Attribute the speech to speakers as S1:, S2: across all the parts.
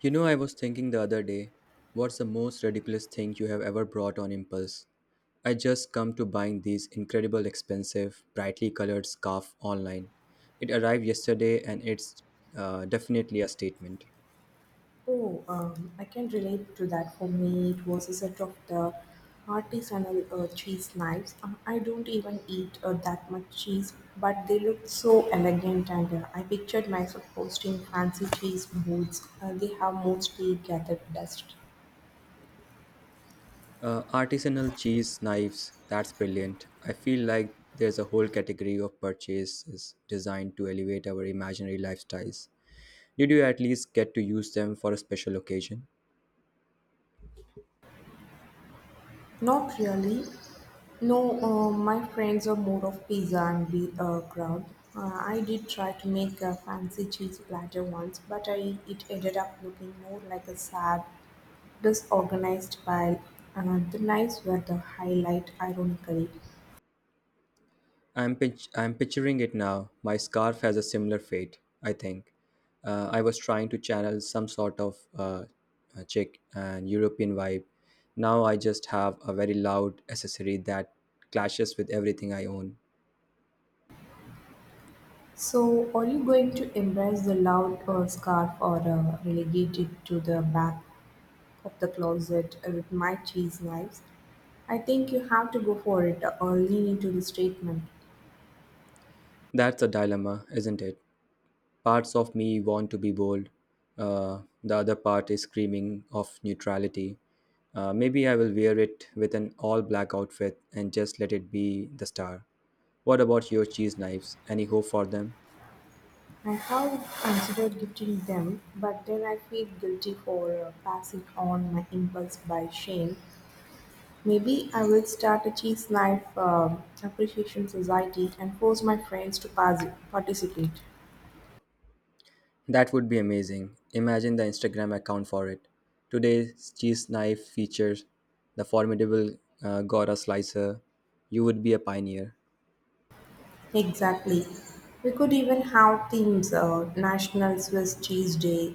S1: You know, I was thinking the other day, what's the most ridiculous thing you have ever bought on impulse? I just come to buying these incredible expensive, brightly colored scarf online. It arrived yesterday and it's definitely a statement.
S2: Oh, I can relate to that. For me, it was a set of the artisanal cheese knives. I don't even eat that much cheese, but they looked so elegant, and I pictured myself posting fancy cheese boards. They have mostly gathered dust.
S1: Artisanal cheese knives, that's brilliant. I feel like there's a whole category of purchases designed to elevate our imaginary lifestyles. Did you at least get to use them for a special occasion?
S2: Not really. No, my friends are more of pizza and beer crowd. I did try to make a fancy cheese platter once, but it ended up looking more like a sad, disorganized pile. The knives were the highlight, ironically.
S1: I'm picturing it now. My scarf has a similar fate, I think. I was trying to channel some sort of Czech and European vibe. Now I just have a very loud accessory that clashes with everything I own.
S2: So, are you going to embrace the loud scarf or relegate it to the back of the closet with my cheese knives? I think you have to go for it or lean into the statement.
S1: That's a dilemma, isn't it? Parts of me want to be bold. The other part is screaming of neutrality. Maybe I will wear it with an all black outfit and just let it be the star. What about your cheese knives? Any hope for them?
S2: I have considered gifting them, but then I feel guilty for passing on my impulse by shame. Maybe I will start a cheese knife appreciation society and force my friends to pass participate.
S1: That would be amazing. Imagine the Instagram account for it. Today's cheese knife features the formidable Gora slicer. You would be a pioneer.
S2: Exactly. We could even have themes National Swiss Cheese Day,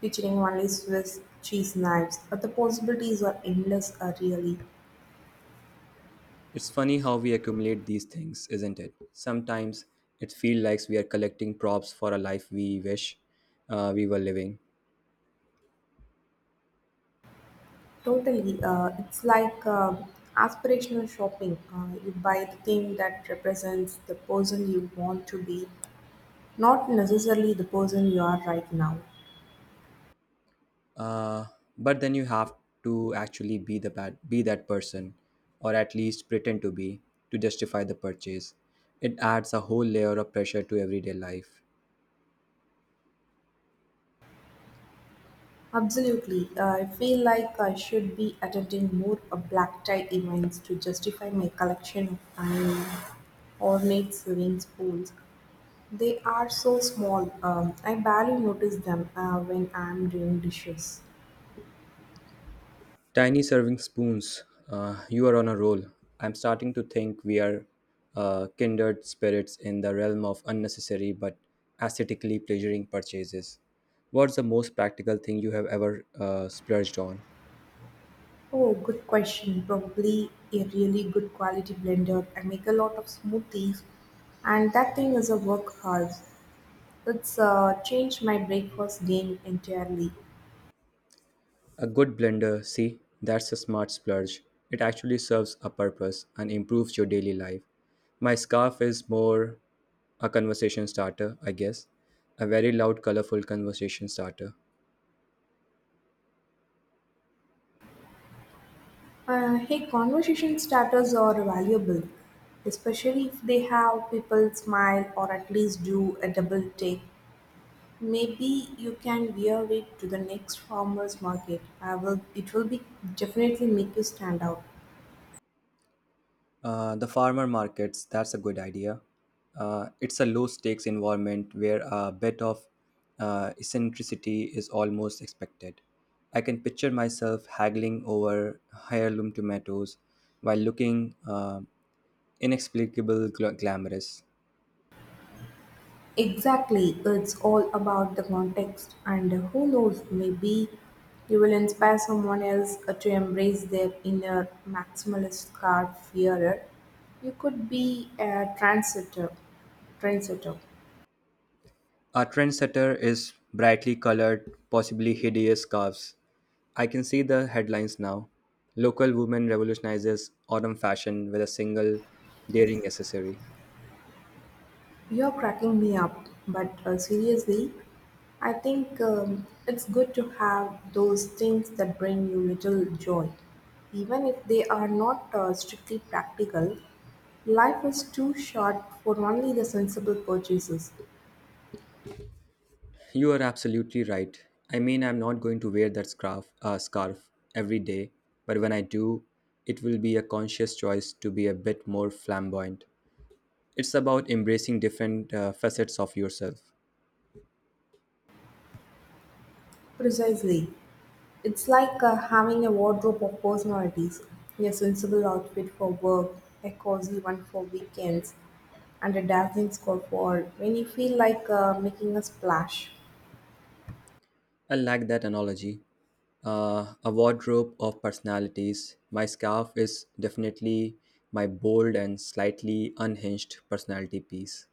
S2: featuring only Swiss cheese knives, but the possibilities are endless, really.
S1: It's funny how we accumulate these things, isn't it? Sometimes it feels like we are collecting props for a life we wish we were living.
S2: Totally. It's like aspirational shopping. You buy the thing that represents the person you want to be, not necessarily the person you are right now.
S1: Uh, but then you have to actually be that person, or at least pretend to be, to justify the purchase. It adds a whole layer of pressure to everyday life.
S2: Absolutely. I feel like I should be attending more black tie events to justify my collection of tiny ornate sewing spools. They are so small, I barely notice them when I'm doing dishes.
S1: Tiny serving spoons, you are on a roll. I'm starting to think we are kindred spirits in the realm of unnecessary but aesthetically pleasuring purchases. What's the most practical thing you have ever splurged on?
S2: Oh, good question. Probably a really good quality blender. I make a lot of smoothies, and that thing is a workhorse. It's changed my breakfast game entirely.
S1: A good blender, see, that's a smart splurge. It actually serves a purpose and improves your daily life. My scarf is more a conversation starter, I guess. A very loud, colorful conversation starter.
S2: Hey, conversation starters are valuable, especially if they have people smile or at least do a double take. Maybe you can wear it to the next farmers market. I will. It will be definitely make you stand out.
S1: The farmer markets, that's a good idea. It's a low stakes environment where a bit of eccentricity is almost expected. I can picture myself haggling over heirloom tomatoes while looking inexplicably glamorous.
S2: Exactly, it's all about the context, and who knows, maybe you will inspire someone else to embrace their inner maximalist card fearer. You could be a trendsetter.
S1: Our trendsetter is brightly colored, possibly hideous scarves. I can see the headlines now. Local woman revolutionizes autumn fashion with a single daring accessory.
S2: You're cracking me up, but seriously, I think it's good to have those things that bring you little joy. Even if they are not strictly practical, life is too short for only the sensible purchases.
S1: You are absolutely right. I mean, I'm not going to wear that scarf every day, but when I do, it will be a conscious choice to be a bit more flamboyant. It's about embracing different facets of yourself.
S2: Precisely. It's like having a wardrobe of personalities, a sensible outfit for work, a cozy one for weekends, and a dazzling scarf for when you feel like making a splash.
S1: I like that analogy. A wardrobe of personalities. My scarf is definitely my bold and slightly unhinged personality piece.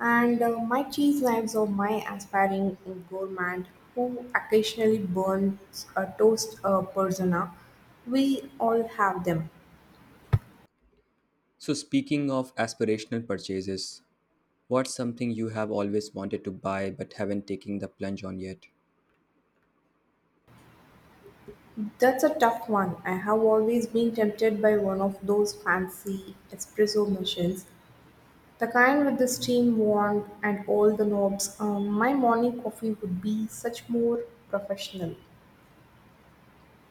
S2: And my cheese knives are my aspiring gourmand who occasionally burns a toast persona. We all have them.
S1: So, speaking of aspirational purchases, what's something you have always wanted to buy but haven't taken the plunge on yet?
S2: That's a tough one. I have always been tempted by one of those fancy espresso machines, the kind with the steam wand and all the knobs. My morning coffee would be such more professional.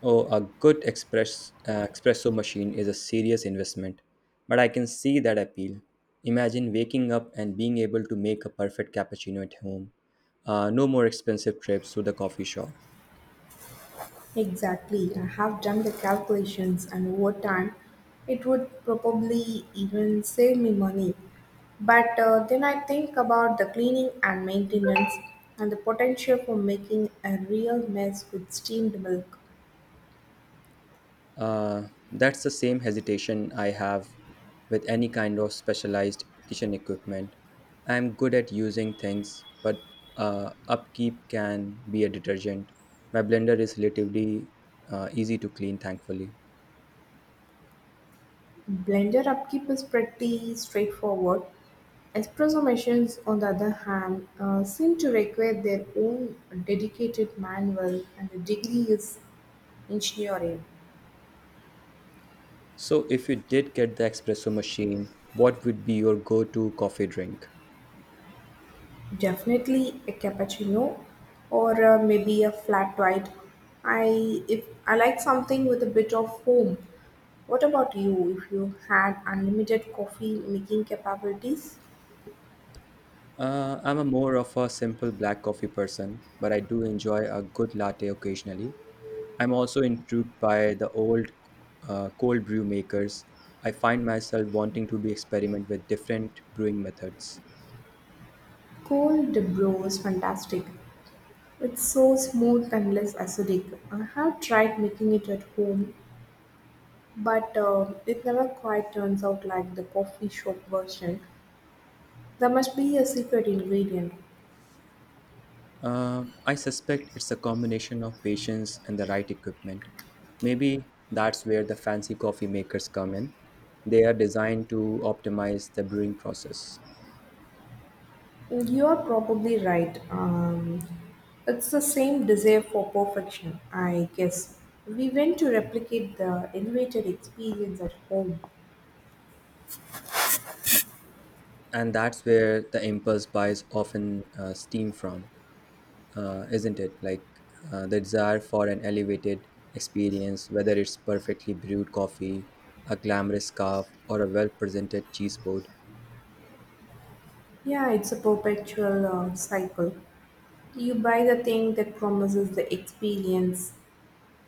S1: Oh, a good express espresso machine is a serious investment, but I can see that appeal. Imagine waking up and being able to make a perfect cappuccino at home. No more expensive trips to the coffee shop.
S2: Exactly. I have done the calculations, and over time, it would probably even save me money. But then I think about the cleaning and maintenance and the potential for making a real mess with steamed milk.
S1: That's the same hesitation I have with any kind of specialized kitchen equipment. I'm good at using things, but upkeep can be a detergent. My blender is relatively easy to clean, thankfully.
S2: Blender upkeep is pretty straightforward. Espresso machines, on the other hand, seem to require their own dedicated manual, and the degree is engineering.
S1: So, if you did get the espresso machine, what would be your go to coffee drink?
S2: Definitely a cappuccino or maybe a flat white. I if I like something with a bit of foam. What about you if you had unlimited coffee making capabilities?
S1: I'm a more of a simple black coffee person, but I do enjoy a good latte occasionally. I'm also intrigued by the old cold brew makers. I find myself wanting to be experiment with different brewing methods.
S2: Cold brew is fantastic. It's so smooth and less acidic. I have tried making it at home, but it never quite turns out like the coffee shop version. There must be a secret ingredient.
S1: I suspect it's a combination of patience and the right equipment. Maybe that's where the fancy coffee makers come in. They are designed to optimize the brewing process,
S2: You're probably right. It's the same desire for perfection, I guess. We want to replicate the elevated experience at home.
S1: and that's where the impulse buys often steam from. Isn't it? Like the desire for an elevated experience, whether it's perfectly brewed coffee, a glamorous scarf, or a well presented cheese board.
S2: Yeah, it's a perpetual cycle. You buy the thing that promises the experience,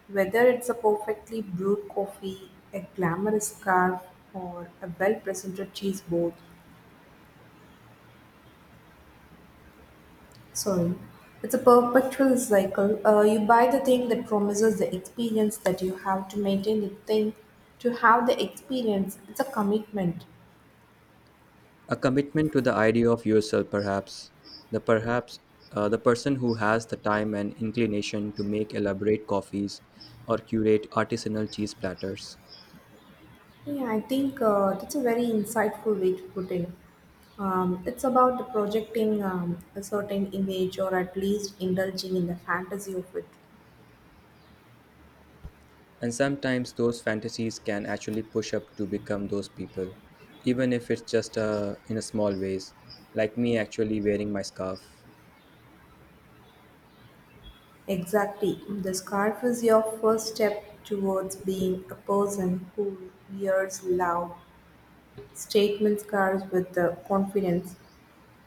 S2: whether it's a perfectly brewed coffee, a glamorous scarf, or a well presented cheese board. Sorry, it's a perpetual cycle, you buy the thing that promises the experience, that you have to maintain the thing to have the experience. It's a commitment.
S1: A commitment to the idea of yourself, perhaps. The perhaps the person who has the time and inclination to make elaborate coffees or curate artisanal cheese platters.
S2: Yeah, I think that's a very insightful way to put it. It's about projecting a certain image, or at least indulging in the fantasy of it.
S1: And sometimes those fantasies can actually push up to become those people, even if it's just in a small ways, like me actually wearing my scarf.
S2: Exactly, the scarf is your first step towards being a person who wears loud statement scarves with the confidence.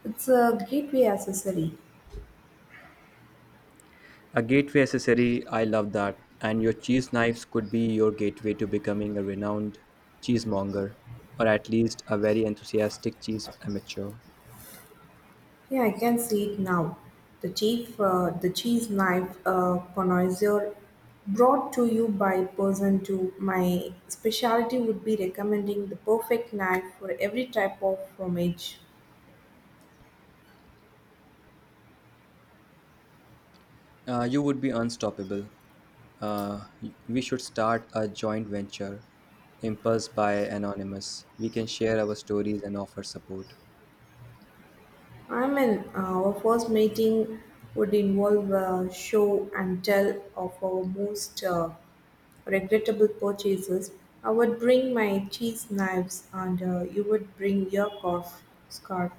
S2: It's a gateway accessory.
S1: A gateway accessory, I love that. And your cheese knives could be your gateway to becoming a renowned cheesemonger, or at least a very enthusiastic cheese amateur.
S2: Yeah, I can see it now. The cheese knife connoisseur, brought to you by person to my specialty would be recommending the perfect knife for every type of fromage.
S1: You would be unstoppable. Uh, we should start a joint venture, Impulse by Anonymous. We can share our stories and offer support.
S2: I mean, our first meeting would involve a show and tell of our most regrettable purchases. I would bring my cheese knives, and you would bring your cough scarf.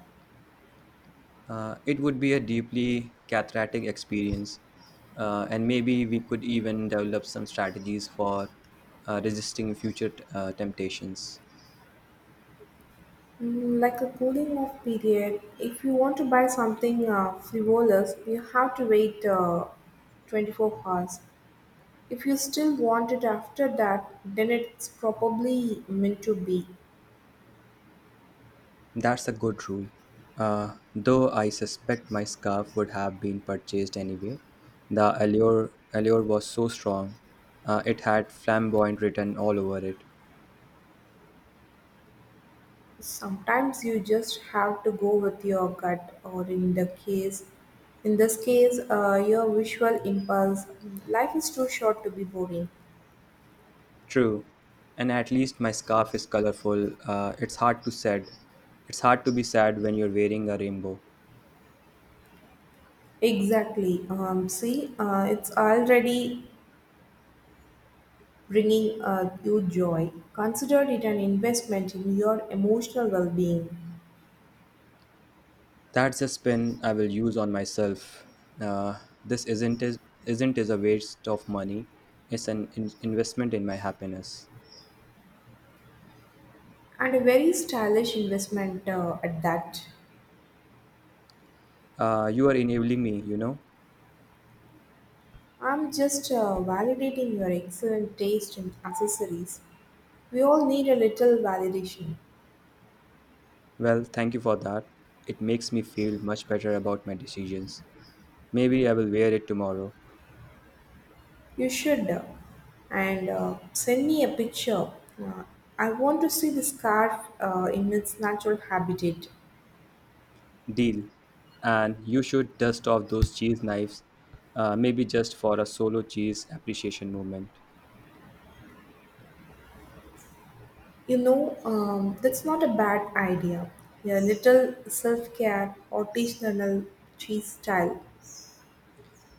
S1: It would be a deeply cathartic experience, and maybe we could even develop some strategies for resisting future temptations.
S2: Mm, like a cooling off period. If you want to buy something frivolous, you have to wait 24 hours. If you still want it after that, then it's probably meant to be.
S1: That's a good rule. Though I suspect my scarf would have been purchased anyway. The allure was so strong. It had flamboyant written all over it.
S2: Sometimes you just have to go with your gut, or in this case, your visual impulse. Life is too short to be boring.
S1: True. And at least my scarf is colorful. It's hard to sad. It's hard to be sad when you're wearing a rainbow.
S2: Exactly. See, it's already bringing you joy. Consider it an investment in your emotional well being.
S1: That's a spin I will use on myself. Uh, this isn't is a waste of money. It's an investment in my happiness.
S2: And a very stylish investment at that.
S1: You are enabling me, you know.
S2: I'm just validating your excellent taste in accessories. We all need a little validation.
S1: Well, thank you for that. It makes me feel much better about my decisions. Maybe I will wear it tomorrow.
S2: You should. And send me a picture. Uh, I want to see the scarf in its natural habitat.
S1: Deal. And you should dust off those cheese knives, maybe just for a solo cheese appreciation moment.
S2: You know, that's not a bad idea. A little self care, artisanal cheese style,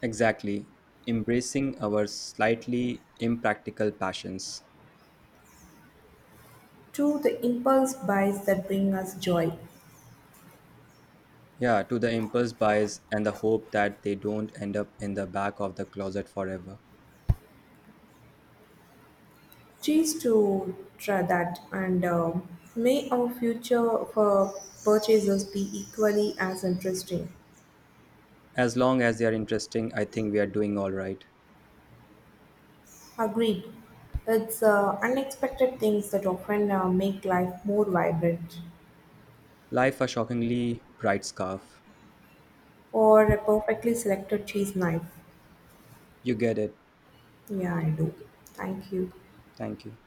S1: Exactly. Embracing our slightly impractical passions.
S2: to the impulse buys that bring us joy.
S1: Yeah, to the impulse buys and the hope that they don't end up in the back of the closet forever.
S2: Cheese to try that, and may our future for purchases be equally as interesting.
S1: As long as they are interesting, I think we are doing all right.
S2: Agreed. It's unexpected things that often make life more vibrant,
S1: Life a shockingly bright scarf.
S2: or a perfectly selected cheese knife.
S1: You get it.
S2: Yeah, I do. Thank you.
S1: Thank you.